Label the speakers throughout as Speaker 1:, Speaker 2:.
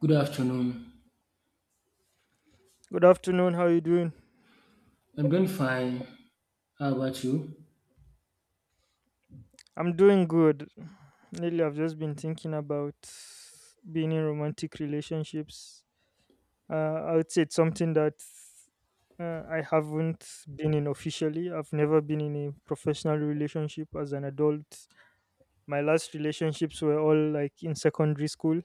Speaker 1: Good afternoon.
Speaker 2: Good afternoon. How you doing?
Speaker 1: I'm doing fine. How about you?
Speaker 2: I'm doing good. Lately, I've just been thinking about being in romantic relationships. Uh, I would say it's something that I haven't been in officially. I've never been in a professional relationship as an adult. My last relationships were all like in secondary school.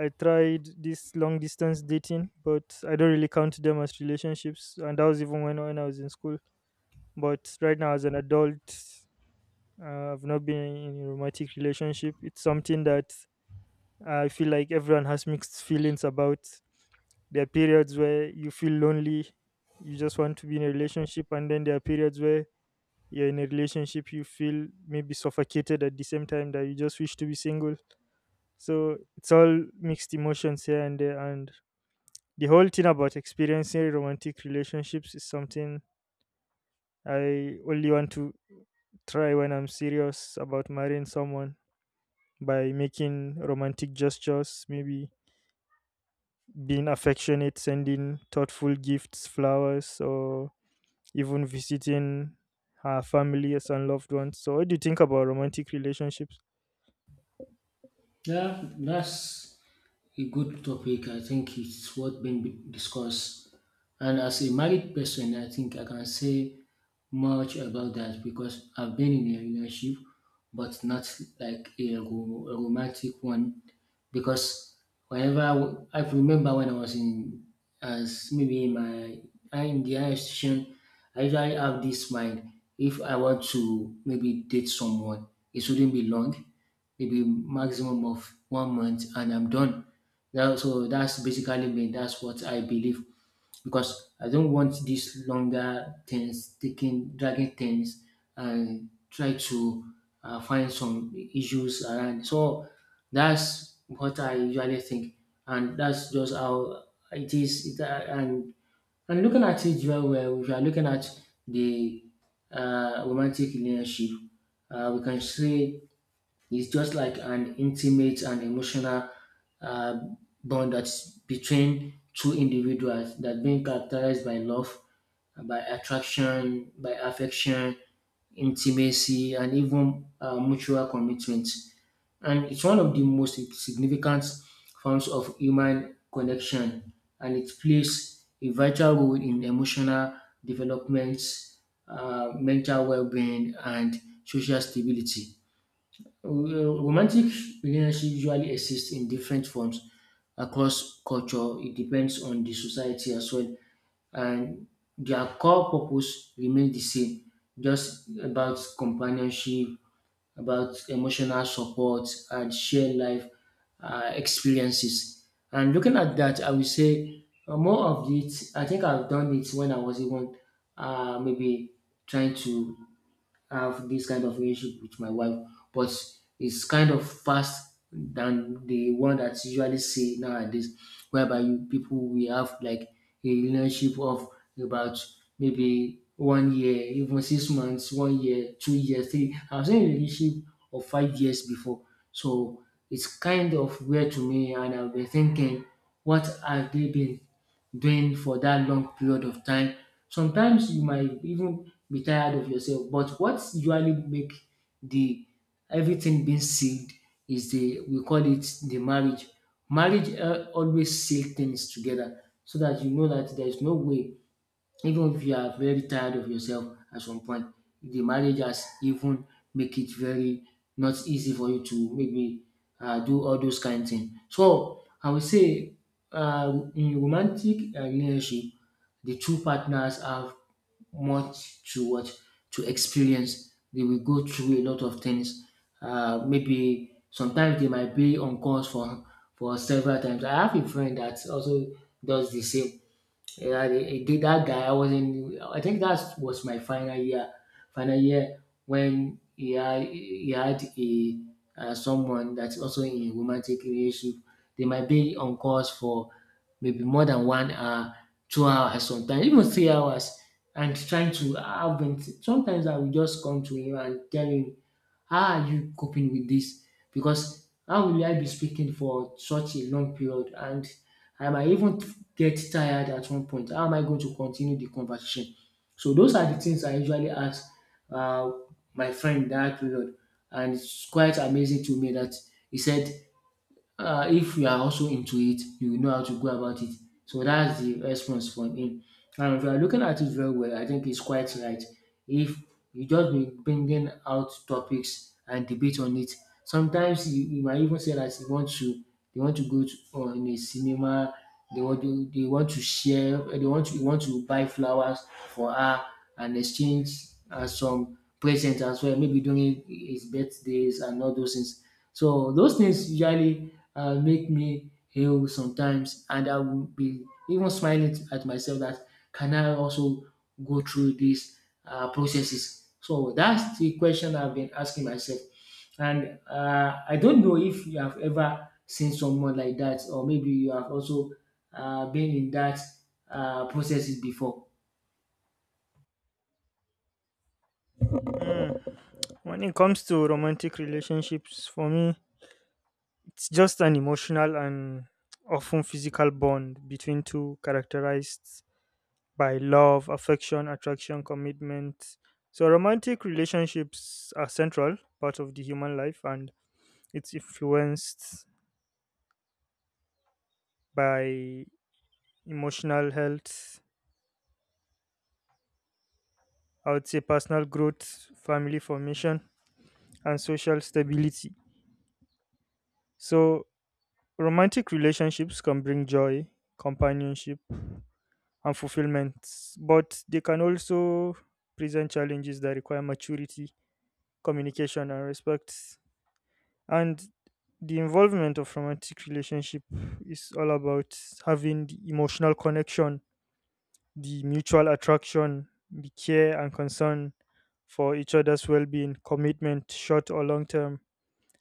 Speaker 2: I tried this long distance dating, but I don't really count them as relationships. And that was even when I was in school. But right now, as an adult, I've not been in a romantic relationship. It's something that I feel like everyone has mixed feelings about. There are periods where you feel lonely, you just want to be in a relationship, and then there are periods where you're in a relationship, you feel maybe suffocated at the same time that you just wish to be single. So it's all mixed emotions here and there. And the whole thing about experiencing romantic relationships is something I only want to try when I'm serious about marrying someone by making romantic gestures, maybe being affectionate, sending thoughtful gifts, flowers, or even visiting her families and loved ones. So, what do you think about romantic relationships?
Speaker 1: Yeah, that's a good topic. I think it's what discussed. And as a married person, I think I can say much about that because I've been in a relationship, but not like a romantic one. Because I remember when I was in, as maybe in my I in the higher institution, I usually have this mind. If I want to maybe date someone, it shouldn't be long, maybe maximum of 1 month, and I'm done. Yeah, so that's basically me. That's what I believe because I don't want these longer things taking dragging things and try to find some issues around. So that's what I usually think, and that's just how it is. It, and looking at it very well, if you are looking at the romantic relationship, we can say it's just like an intimate and emotional uh, bond that's between two individuals that's being characterized by love, by attraction, by affection, intimacy, and even mutual commitment. And it's one of the most significant forms of human connection, and it plays a vital role in emotional development, mental well being, and social stability. Romantic relationship usually exist in different forms across culture. It depends on the society as well, and their core purpose remains the same. Just about companionship, about emotional support, and shared life experiences. And looking at that, I will say more of it. I think I've done it when I was even maybe trying to have this kind of relationship with my wife, but it's kind of fast than the one that's usually see nowadays, whereby you people will have like a relationship of about maybe 1 year, even 6 months, 1 year, 2 years, three. I've seen a relationship of 5 years before, so it's kind of weird to me, and I've been thinking, what have they been doing for that long period of time. Sometimes you might even be tired of yourself, but what usually make the everything being sealed is the we call it the marriage. Marriage always seal things together so that you know that there is no way even if you are very tired of yourself at some point the marriage has even make it very not easy for you to maybe do all those kind of things. So I would say in romantic relationship the two partners have much to what to experience, they will go through a lot of things, maybe sometimes they might be on course for several times. I have a friend that also does the same. Yeah, they did that guy. I was in. I think that was my final year. Final year when he had a someone that's also in a romantic relationship. They might be on course for maybe more than 1 hour, 2 hours, sometimes even 3 hours, and trying to have been. Sometimes I will just come to him and tell him, how are you coping with this? Because how will I be speaking for such a long period? And I might even get tired at one point. How am I going to continue the conversation? So those are the things I usually ask uh, my friend that period. And it's quite amazing to me that he said, if you are also into it, you will know how to go about it. So that's the response from him. And if you are looking at it very well, I think it's quite right. If you just be bringing out topics and debate on it, sometimes you might even say that you want to, they want to on a cinema, they want to share, you want to buy flowers for her and exchange some presents as well, maybe during his birthdays and all those things. So those things usually make me ill sometimes, and I will be even smiling at myself that can I also go through these processes? So that's the question I've been asking myself. And I don't know if you have ever seen someone like that, or maybe you have also been in that processes before.
Speaker 2: Hmm. When it comes to romantic relationships, for me, it's just an emotional and often physical bond between two characterized by love, affection, attraction, commitment. So, romantic relationships are central part of the human life, and it's influenced by emotional health, I would say personal growth, family formation, and social stability. So, romantic relationships can bring joy, companionship, and fulfillment. But they can also present challenges that require maturity, communication, and respect. And the involvement of romantic relationship is all about having the emotional connection, the mutual attraction, the care and concern for each other's well-being, commitment, short or long term.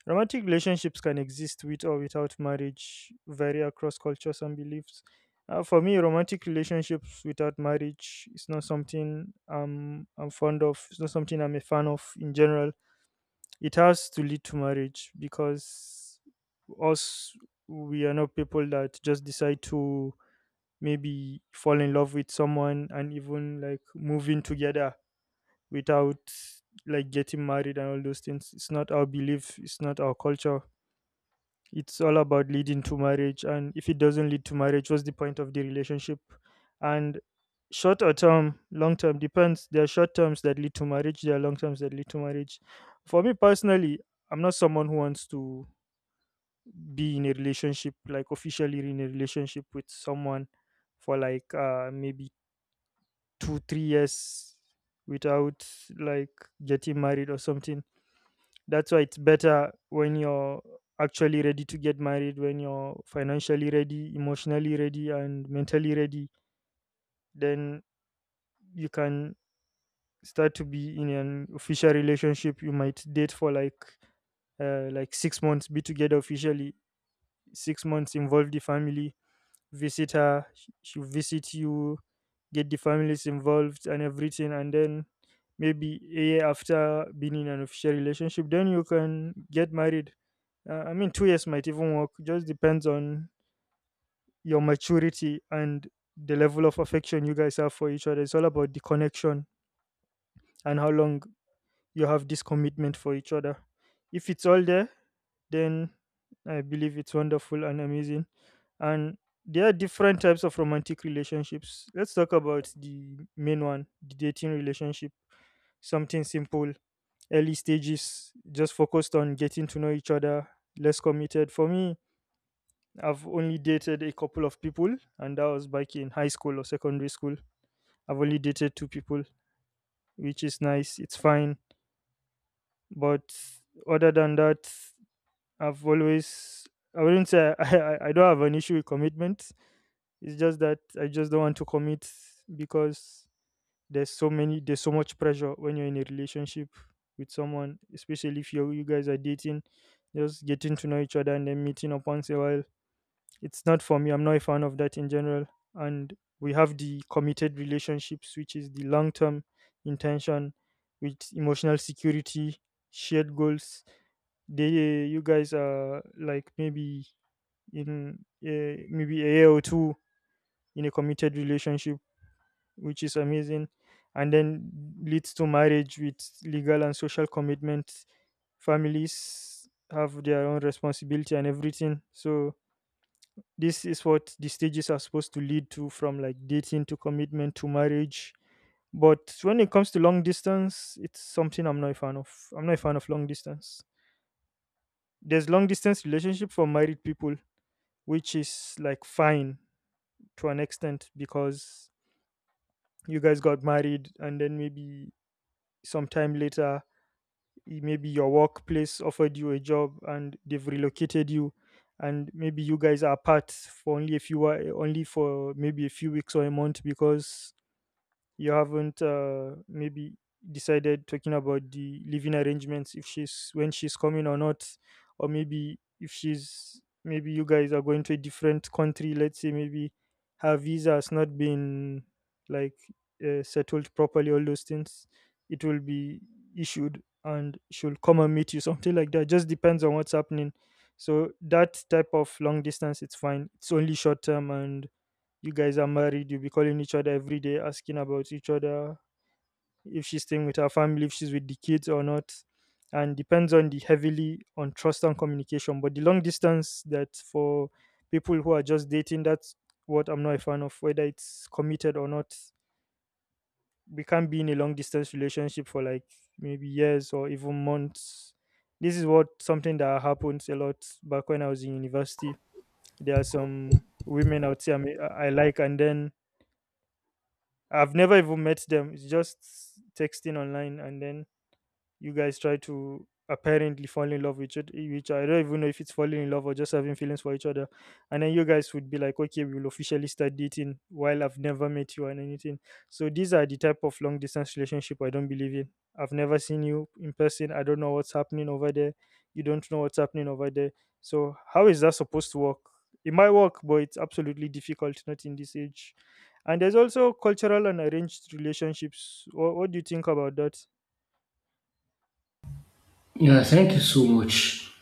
Speaker 2: Romantic relationships can exist with or without marriage, vary across cultures and beliefs. For me, romantic relationships without marriage is not something I'm fond of. It's not something I'm a fan of in general. It has to lead to marriage, because us, we are not people that just decide to maybe fall in love with someone and even like moving together without like getting married and all those things. It's not our belief, it's not our culture. It's all about leading to marriage, and if it doesn't lead to marriage, what's the point of the relationship? And short or term long term depends. There are short terms that lead to marriage, there are long terms that lead to marriage. For me personally, I'm not someone who wants to be in a relationship, like officially in a relationship with someone, for like maybe 2-3 years, without like getting married or something. That's why it's better when you're actually ready to get married, when you're financially ready, emotionally ready, and mentally ready. Then you can start to be in an official relationship. You might date for like 6 months, be together officially, 6 months, involve the family, visit her she'll visit you, get the families involved and everything, and then maybe a year after being in an official relationship, then you can get married. I mean, 2 years might even work, just depends on your maturity and the level of affection you guys have for each other. It's all about the connection and how long you have this commitment for each other. If it's all there, then I believe it's wonderful and amazing. And there are different types of romantic relationships. Let's talk about the main one, the dating relationship. Something simple, early stages, just focused on getting to know each other, less committed. For me, I've only dated a couple of people, and that was back in high school or secondary school. I've only dated two people, which is nice, it's fine. But other than that, I've always I wouldn't say I don't have an issue with commitment. It's just that I just don't want to commit, because there's so much pressure when you're in a relationship with someone, especially if you guys are dating, just getting to know each other and then meeting up once in a while. It's not for me. I'm not a fan of that in general. And we have the committed relationships, which is the long term intention with emotional security, shared goals. They, you guys are like maybe in maybe a year or two in a committed relationship, which is amazing, and then leads to marriage with legal and social commitment. Families have their own responsibility and everything, so this is what the stages are supposed to lead to, from like dating to commitment to marriage. But when it comes to long distance, it's something I'm not a fan of. I'm not a fan of long distance. There's long distance relationship for married people, which is like fine, to an extent, because you guys got married, and then maybe sometime later, maybe your workplace offered you a job and they've relocated you, and maybe you guys are apart for only a few only for maybe a few weeks or a month, because you haven't maybe decided talking about the living arrangements, if she's when she's coming or not, or maybe if she's maybe you guys are going to a different country, let's say maybe her visa has not been like settled properly, all those things. It will be issued and she'll come and meet you something like that, just depends on what's happening. So that type of long distance, it's fine, it's only short term, and you guys are married, you'll be calling each other every day, asking about each other, if she's staying with her family, if she's with the kids or not. And depends on the heavily on trust and communication. But the long distance that for people who are just dating, that's what I'm not a fan of, whether it's committed or not. We can't be in a long distance relationship for like maybe years or even months. This is what something that happens a lot back when I was in university. There are some women out there I, mean, I like, and then I've never even met them. It's just texting online, and then you guys try to apparently fall in love with each I don't even know if it's falling in love or just having feelings for each other. And then you guys would be like, okay, we will officially start dating while I've never met you and anything. So these are the type of long distance relationship I don't believe in. I've never seen you in person. I don't know what's happening over there. You don't know what's happening over there. So how is that supposed to work? It might work, but it's absolutely difficult, not in this age. And there's also cultural and arranged relationships. What do you think about that?
Speaker 1: Yeah, thank you so much.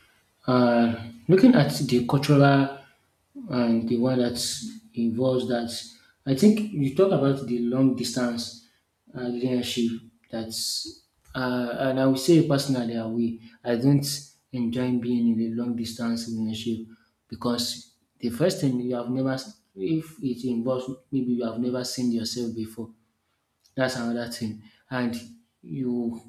Speaker 1: Looking at the cultural and the one that involves that, I think you talk about the long distance relationship. That's and I would say personally, I don't enjoy being in a long distance relationship because the first thing, you have never, if it involves maybe you have never seen yourself before, that's another thing. And you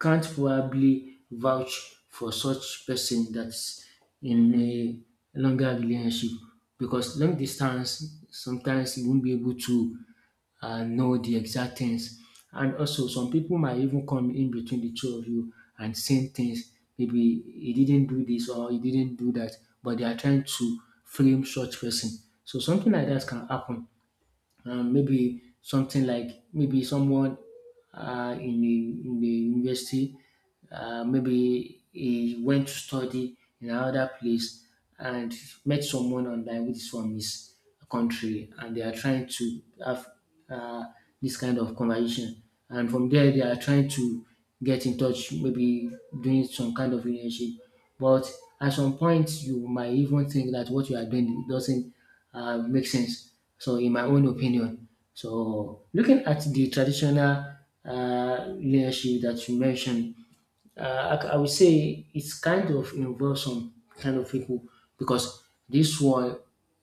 Speaker 1: can't probably vouch for such person that's in a longer relationship because long distance sometimes you won't be able to know the exact things. And also, some people might even come in between the two of you and saying things. Maybe he didn't do this or he didn't do that, but they are trying to frame such person. So something like that can happen. Maybe something like maybe someone in the university, maybe he went to study in another place and met someone online which is from his country, and they are trying to have uh, this kind of conversation. And from there, they are trying to get in touch, maybe doing some kind of relationship. But at some point, you might even think that what you are doing doesn't make sense. So, in my own opinion, so looking at the traditional relationship that you mentioned, uh, I would say it's kind of involves some kind of people because this one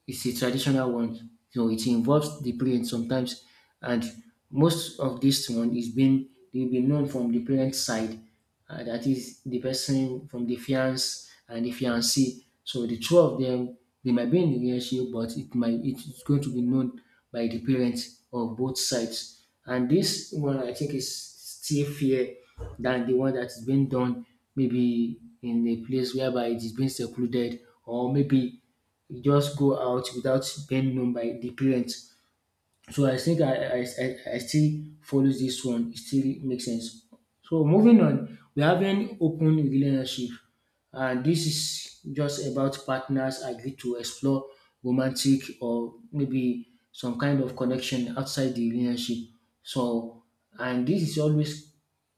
Speaker 1: is a traditional one. You know, it involves the parents sometimes, and most of this one is being they've been known from the parent side. That is the person from the fiance and the fiancee. So the two of them, they might be in the relationship, but it might it's going to be known by the parents of both sides. And this one I think is still fear than the one that is being done maybe in a place whereby it is being secluded or maybe you just go out without being known by the parents. So I think I still follow this one. It still makes sense. So moving on, we have an open relationship. And this is just about partners agree to explore romantic or maybe some kind of connection outside the relationship. So, and this is always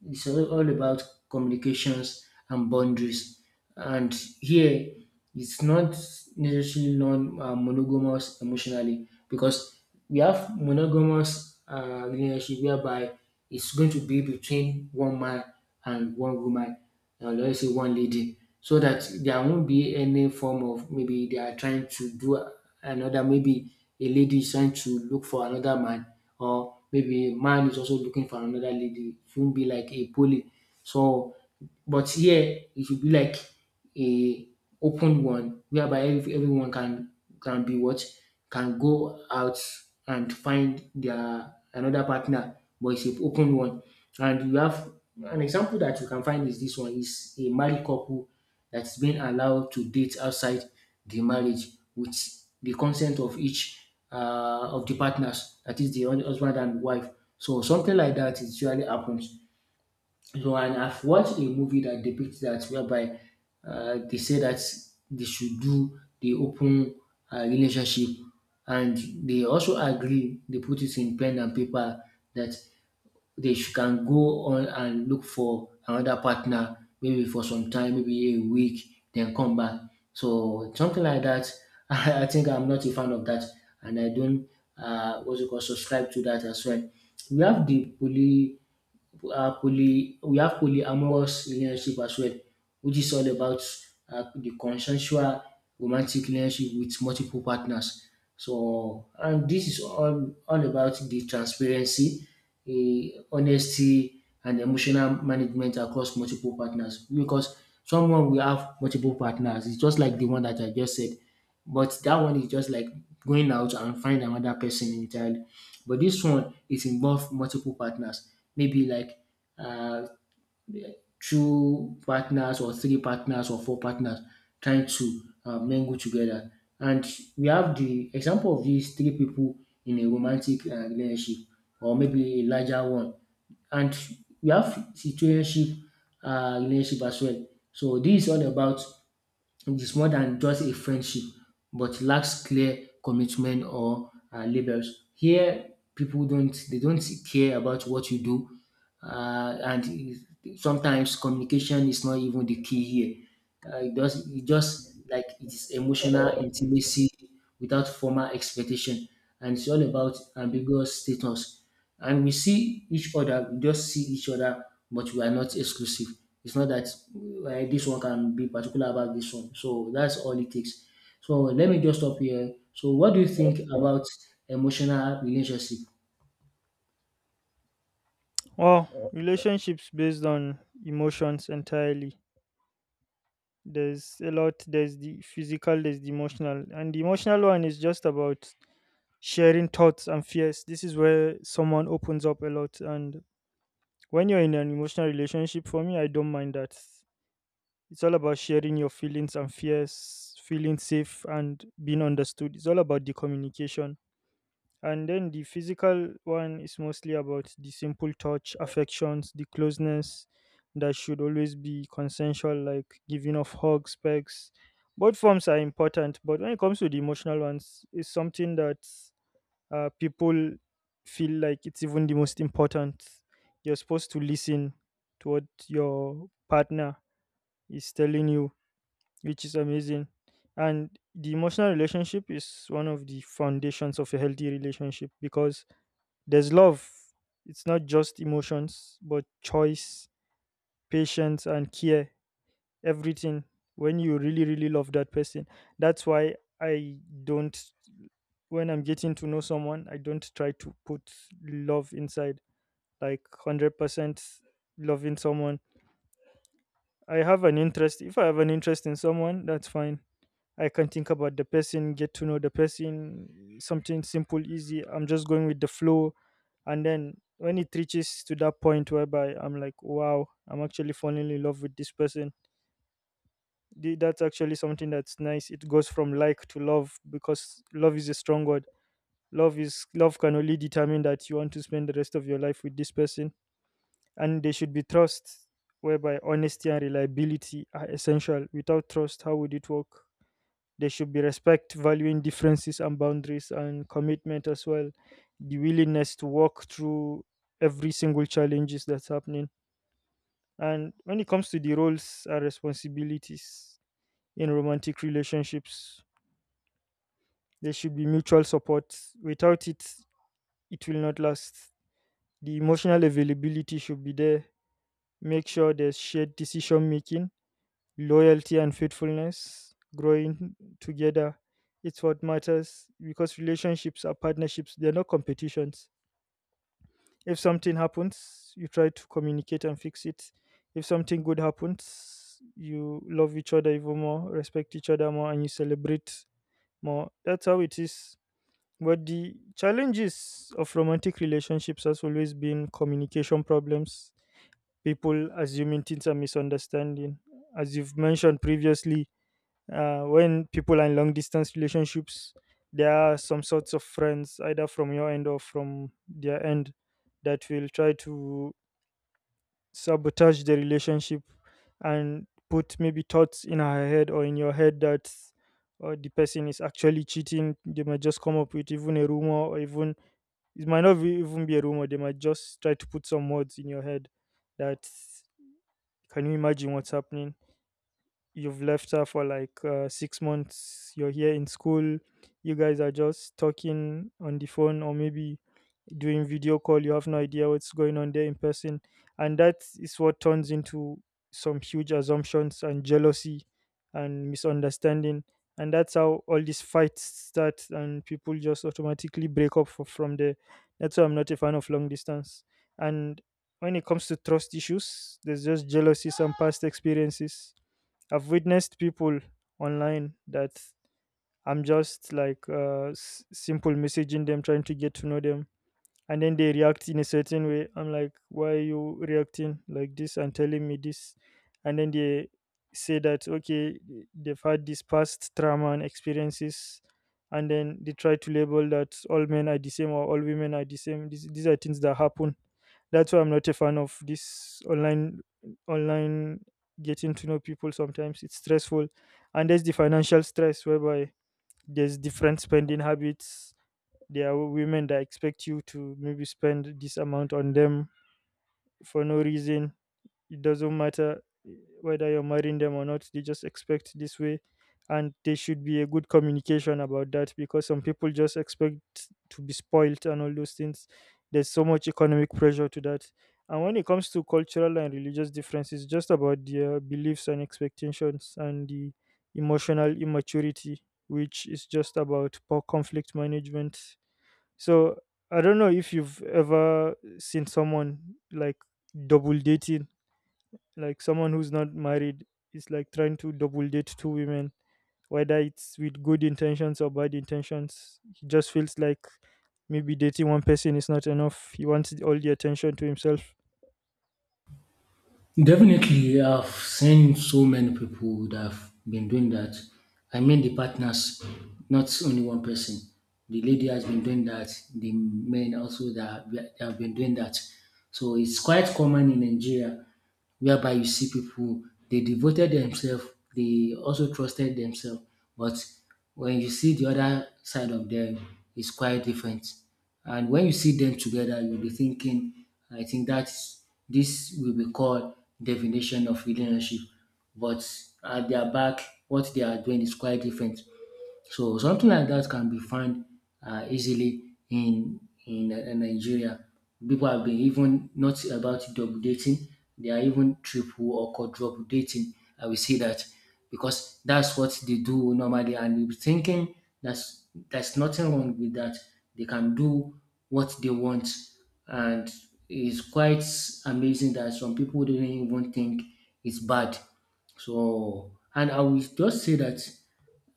Speaker 1: it's all about communications and boundaries. And here, it's not necessarily non monogamous emotionally because we have monogamous relationship whereby it's going to be between one man and one woman, or let's say one lady, so that there won't be any form of, maybe they are trying to do another, maybe a lady is trying to look for another man, or maybe a man is also looking for another lady. It won't be like a poly. So but here it should be like a open one whereby everyone can be what can go out and find their another partner, but it's an open one. And you have an example that you can find is this one is a married couple that's been allowed to date outside the marriage with the consent of each of the partners, that is the husband and wife. So something like that is usually happens. So, and I've watched a movie that depicts that, whereby they say that they should do the open relationship, and they also agree. They put it in pen and paper that can go on and look for another partner, maybe for some time, maybe a week, then come back. So something like that. I think I'm not a fan of that, and I don't what's it called subscribe to that as well. We have the poly poly we have polyamorous relationship as well, which is all about the consensual romantic relationship with multiple partners. So, and this is all about the transparency, honesty, and emotional management across multiple partners. Because someone will have multiple partners, it's just like the one that I just said, but that one is just like going out and find another person entirely. But this one, it involve multiple partners, maybe like uh, two partners or three partners or four partners trying to mingle together. And we have the example of these three people in a romantic relationship or maybe a larger one. And we have situationship relationship as well. So this is all about it is more than just a friendship, but lacks clear commitment or labels. Here, people don't they don't care about what you do, and sometimes communication is not even the key here. It just like it is emotional intimacy without formal expectation, and it's all about ambiguous status. And we see each other, we just see each other, but we are not exclusive. It's not that this one can be particular about this one. So that's all it takes. So let me just stop here. So what do you think about emotional relationship?
Speaker 2: Well, relationships based on emotions entirely. There's a lot. There's the physical. There's the emotional, and the emotional one is just about sharing thoughts and fears. This is where someone opens up a lot, and when you're in an emotional relationship, for me, I don't mind that. It's all about sharing your feelings and fears, feeling safe and being understood. It's all about the communication. And then the physical one is mostly about the simple touch, affections, the closeness that should always be consensual, like giving of hugs, pegs. Both forms are important, but when it comes to the emotional ones, it's something that people feel like it's even the most important. You're supposed to listen to what your partner is telling you, which is amazing. And the emotional relationship is one of the foundations of a healthy relationship, because there's love. It's not just emotions, but choice, patience, and care. Everything. When you really, really love that person. That's why I don't, when I'm getting to know someone, I don't try to put love inside, like 100% loving someone. I have an interest. If I have an interest in someone, that's fine. I can think about the person, get to know the person, something simple, easy. I'm just going with the flow. And then when it reaches to that point whereby I'm like, wow, I'm actually falling in love with this person, that's actually something that's nice. It goes from like to love, because love is a strong word. Love can only determine that you want to spend the rest of your life with this person. And there should be trust, whereby honesty and reliability are essential. Without trust, how would it work? There should be respect, valuing differences and boundaries, and commitment as well. The willingness to walk through every single challenges that's happening. And when it comes to the roles and responsibilities in romantic relationships, there should be mutual support. Without it, it will not last. The emotional availability should be there. Make sure there's shared decision making, loyalty and faithfulness, growing together. It's what matters because relationships are partnerships, they're not competitions. If something happens, you try to communicate and fix it. If something good happens, you love each other even more, respect each other more, and you celebrate more. That's how it is. But the challenges of romantic relationships has always been communication problems, people assuming things, are misunderstanding. As you've mentioned previously, when people are in long distance relationships, there are some sorts of friends, either from your end or from their end, that will try to sabotage the relationship and put maybe thoughts in her head or in your head that the person is actually cheating. They might just come up with even a rumor, or even it might not be, even be a rumor. They might just try to put some words in your head that, can you imagine what's happening? You've left her for like 6 months, you're here in school, you guys are just talking on the phone, or maybe doing video call. You have no idea what's going on there in person. And that is what turns into some huge assumptions and jealousy and misunderstanding. And that's how all these fights start, and people just automatically break up from there. That's why I'm not a fan of long distance. And when it comes to trust issues, there's just jealousies and past experiences. I've witnessed people online that, I'm just like, simple messaging them, trying to get to know them, and then they react in a certain way. I'm like, why are you reacting like this and telling me this? And then they say that, okay, they've had this past trauma and experiences, and then they try to label that all men are the same or all women are the same. These are things that happen. That's why I'm not a fan of this online getting to know people. Sometimes it's stressful. And there's the financial stress, whereby there's different spending habits. There are women that expect you to maybe spend this amount on them for no reason. It doesn't matter eh, whether you're marrying them or not, they just expect this way. And there should be a good communication about that, because some people just expect to be spoiled and all those things. There's so much economic pressure to that. And when it comes to cultural and religious differences, just about their beliefs and expectations, and the emotional immaturity, which is just about poor conflict management. So I don't know if you've ever seen someone like double dating, like someone who's not married is like trying to double date two women, whether it's with good intentions or bad intentions. He just feels like maybe dating one person is not enough. He wants all the attention to himself.
Speaker 1: Definitely, I've seen so many people that have been doing that. I mean, the partners, not only one person. The lady has been doing that. The men also that they have been doing that. So it's quite common in Nigeria, whereby you see people they devoted themselves, they also trusted themselves. But when you see the other side of them, it's quite different. And when you see them together, you'll be thinking, I think that's this will be called definition of relationship. But at their back, what they are doing is quite different. So something like that can be found easily in Nigeria. People have been even not about double dating; they are even triple or quadruple dating. I will say that because that's what they do normally, and you'll be thinking that's there's nothing wrong with that. They can do what they want, and it's quite amazing that some people didn't even think it's bad. So, and I will just say that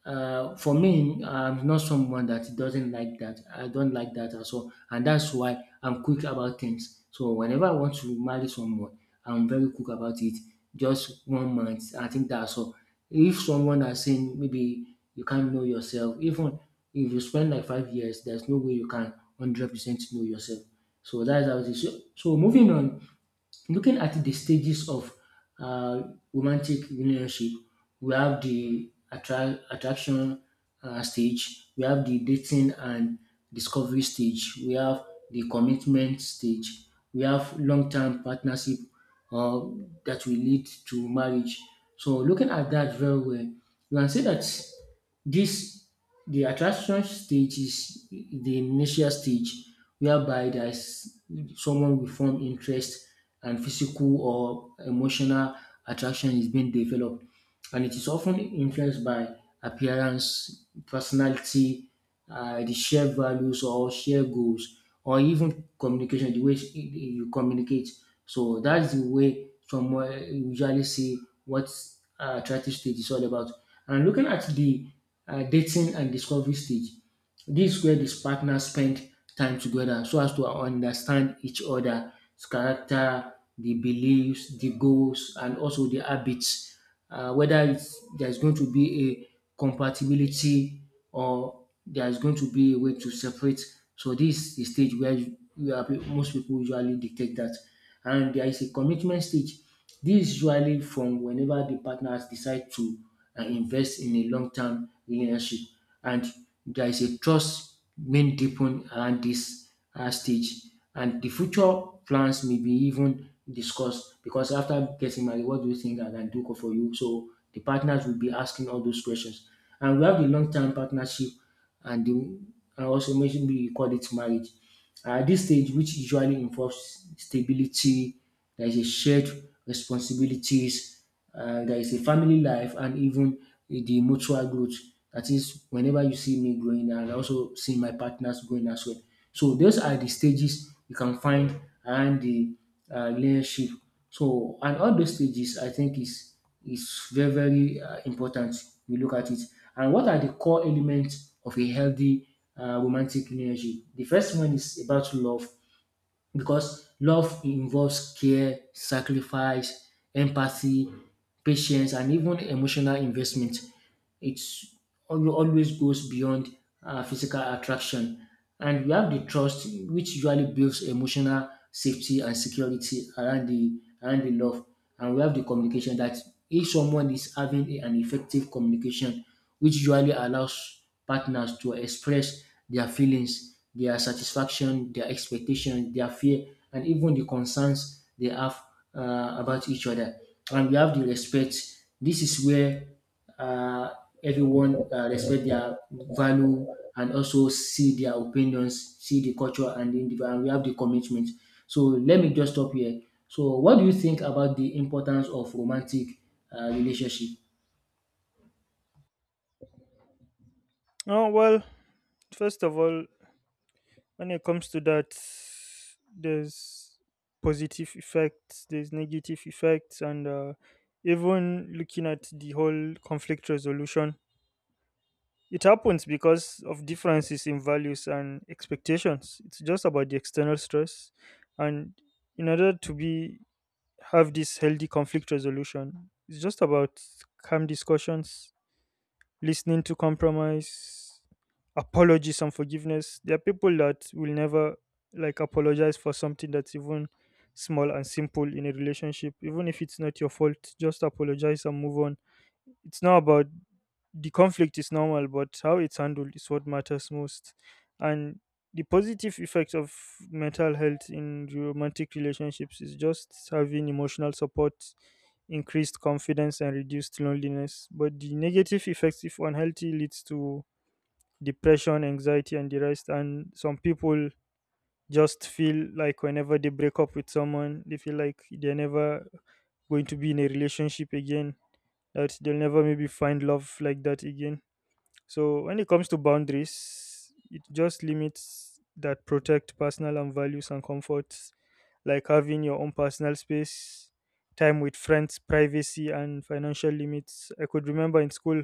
Speaker 1: for me, I'm not someone that doesn't like that. I don't like that at all, and that's why I'm quick about things. So whenever I want to marry someone, I'm very quick about it. Just one month, I think that's all. If someone has saying maybe you can't know yourself, even if you spend like 5 years, there's no way you can 100% know yourself. So that's how it is. So, so moving on, looking at the stages of uh, romantic relationship, we have the attraction stage, we have the dating and discovery stage, we have the commitment stage, we have long term partnership uh, that will lead to marriage. So, looking at that very well, you can say that this the attraction stage is the initial stage whereby there's someone will form interest and physical or emotional attraction is being developed. And it is often influenced by appearance, personality, the shared values or shared goals, or even communication, the way you communicate. So that's the way someone usually see what attractive stage is all about. And looking at the dating and discovery stage. This is where these partners spend time together so as to understand each other's character, the beliefs, the goals, and also the habits. Whether it's, there's going to be a compatibility or there's going to be a way to separate. So this is the stage where you are most people usually detect that. And there is a commitment stage. This is usually from whenever the partners decide to invest in a long-term relationship, and there is a trust being deepened around this stage, and the future plans may be even discussed because after getting married, what do you think I can do for you? So the partners will be asking all those questions, and we have the long-term partnership and the and also mentioned we call it marriage. At this stage, which usually involves stability, there is a shared responsibilities, there is a family life, and even the mutual growth. That is, whenever you see me growing, and I also see my partners growing as well. So those are the stages you can find around the relationship. So and all those stages, I think, is very, very important. We look at it. And what are the core elements of a healthy romantic relationship? The first one is about love because love involves care, sacrifice, empathy, patience, and even emotional investment. It's always goes beyond physical attraction. And we have the trust, which usually builds emotional safety and security around the love. And we have the communication that if someone is having an effective communication which usually allows partners to express their feelings, their satisfaction, their expectation, their fear, and even the concerns they have about each other. And we have the respect. This is where uh, everyone respect their value and also see their opinions, see the culture and the individual. And we have the commitment. So let me just stop here. So, what do you think about the importance of romantic relationship?
Speaker 2: Oh well, first of all, when it comes to that, there's positive effects, there's negative effects, and even looking at the whole conflict resolution, it happens because of differences in values and expectations. It's just about the external stress. And in order to be have this healthy conflict resolution, it's just about calm discussions, listening to compromise, apologies and forgiveness. There are people that will never like apologize for something that's even small and simple in a relationship, even if it's not your fault. Just apologize and move on. It's not about the conflict is normal, but how it's handled is what matters most. And the positive effect of mental health in romantic relationships is just having emotional support, increased confidence, and reduced loneliness. But the negative effects, if unhealthy, leads to depression, anxiety, and the rest. And some people just feel like whenever they break up with someone, they feel like they're never going to be in a relationship again, that they'll never maybe find love like that again. So when it comes to boundaries, it just limits that protect personal and values and comforts, like having your own personal space, time with friends, privacy, and financial limits. I could remember in school,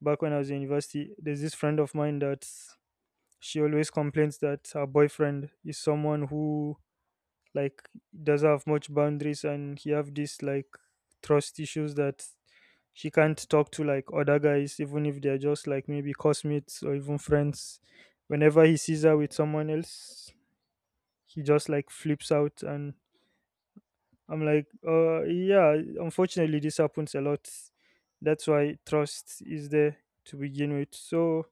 Speaker 2: back when I was in university, there's this friend of mine that, she always complains that her boyfriend is someone who like doesn't have much boundaries, and he have this like trust issues that she can't talk to like other guys, even if they're just like maybe cosmates or even friends. Whenever he sees her with someone else, he just like flips out, and I'm like, yeah, unfortunately this happens a lot. That's why trust is there to begin with. So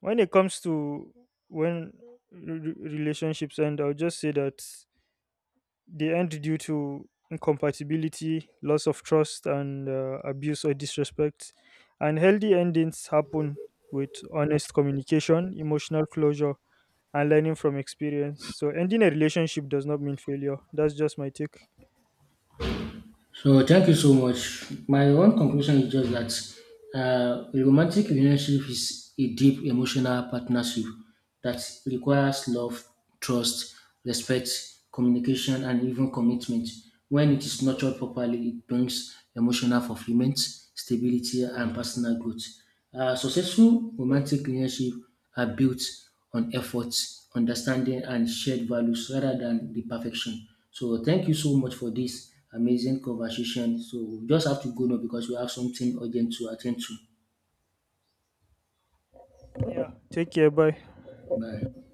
Speaker 2: when it comes to, when relationships end, I'll just say that they end due to incompatibility, loss of trust, and abuse or disrespect. And healthy endings happen with honest communication, emotional closure, and learning from experience. So, ending a relationship does not mean failure. That's just my take.
Speaker 1: So thank you so much. My own conclusion is just that a romantic relationship is a deep emotional partnership that requires love, trust, respect, communication, and even commitment. When it is nurtured properly, it brings emotional fulfillment, stability, and personal growth. Successful romantic relationships are built on effort, understanding, and shared values rather than the perfection. So, thank you so much for this amazing conversation. So, we just have to go now because we have something urgent to attend to.
Speaker 2: Yeah. Take care. Bye.
Speaker 1: Bye.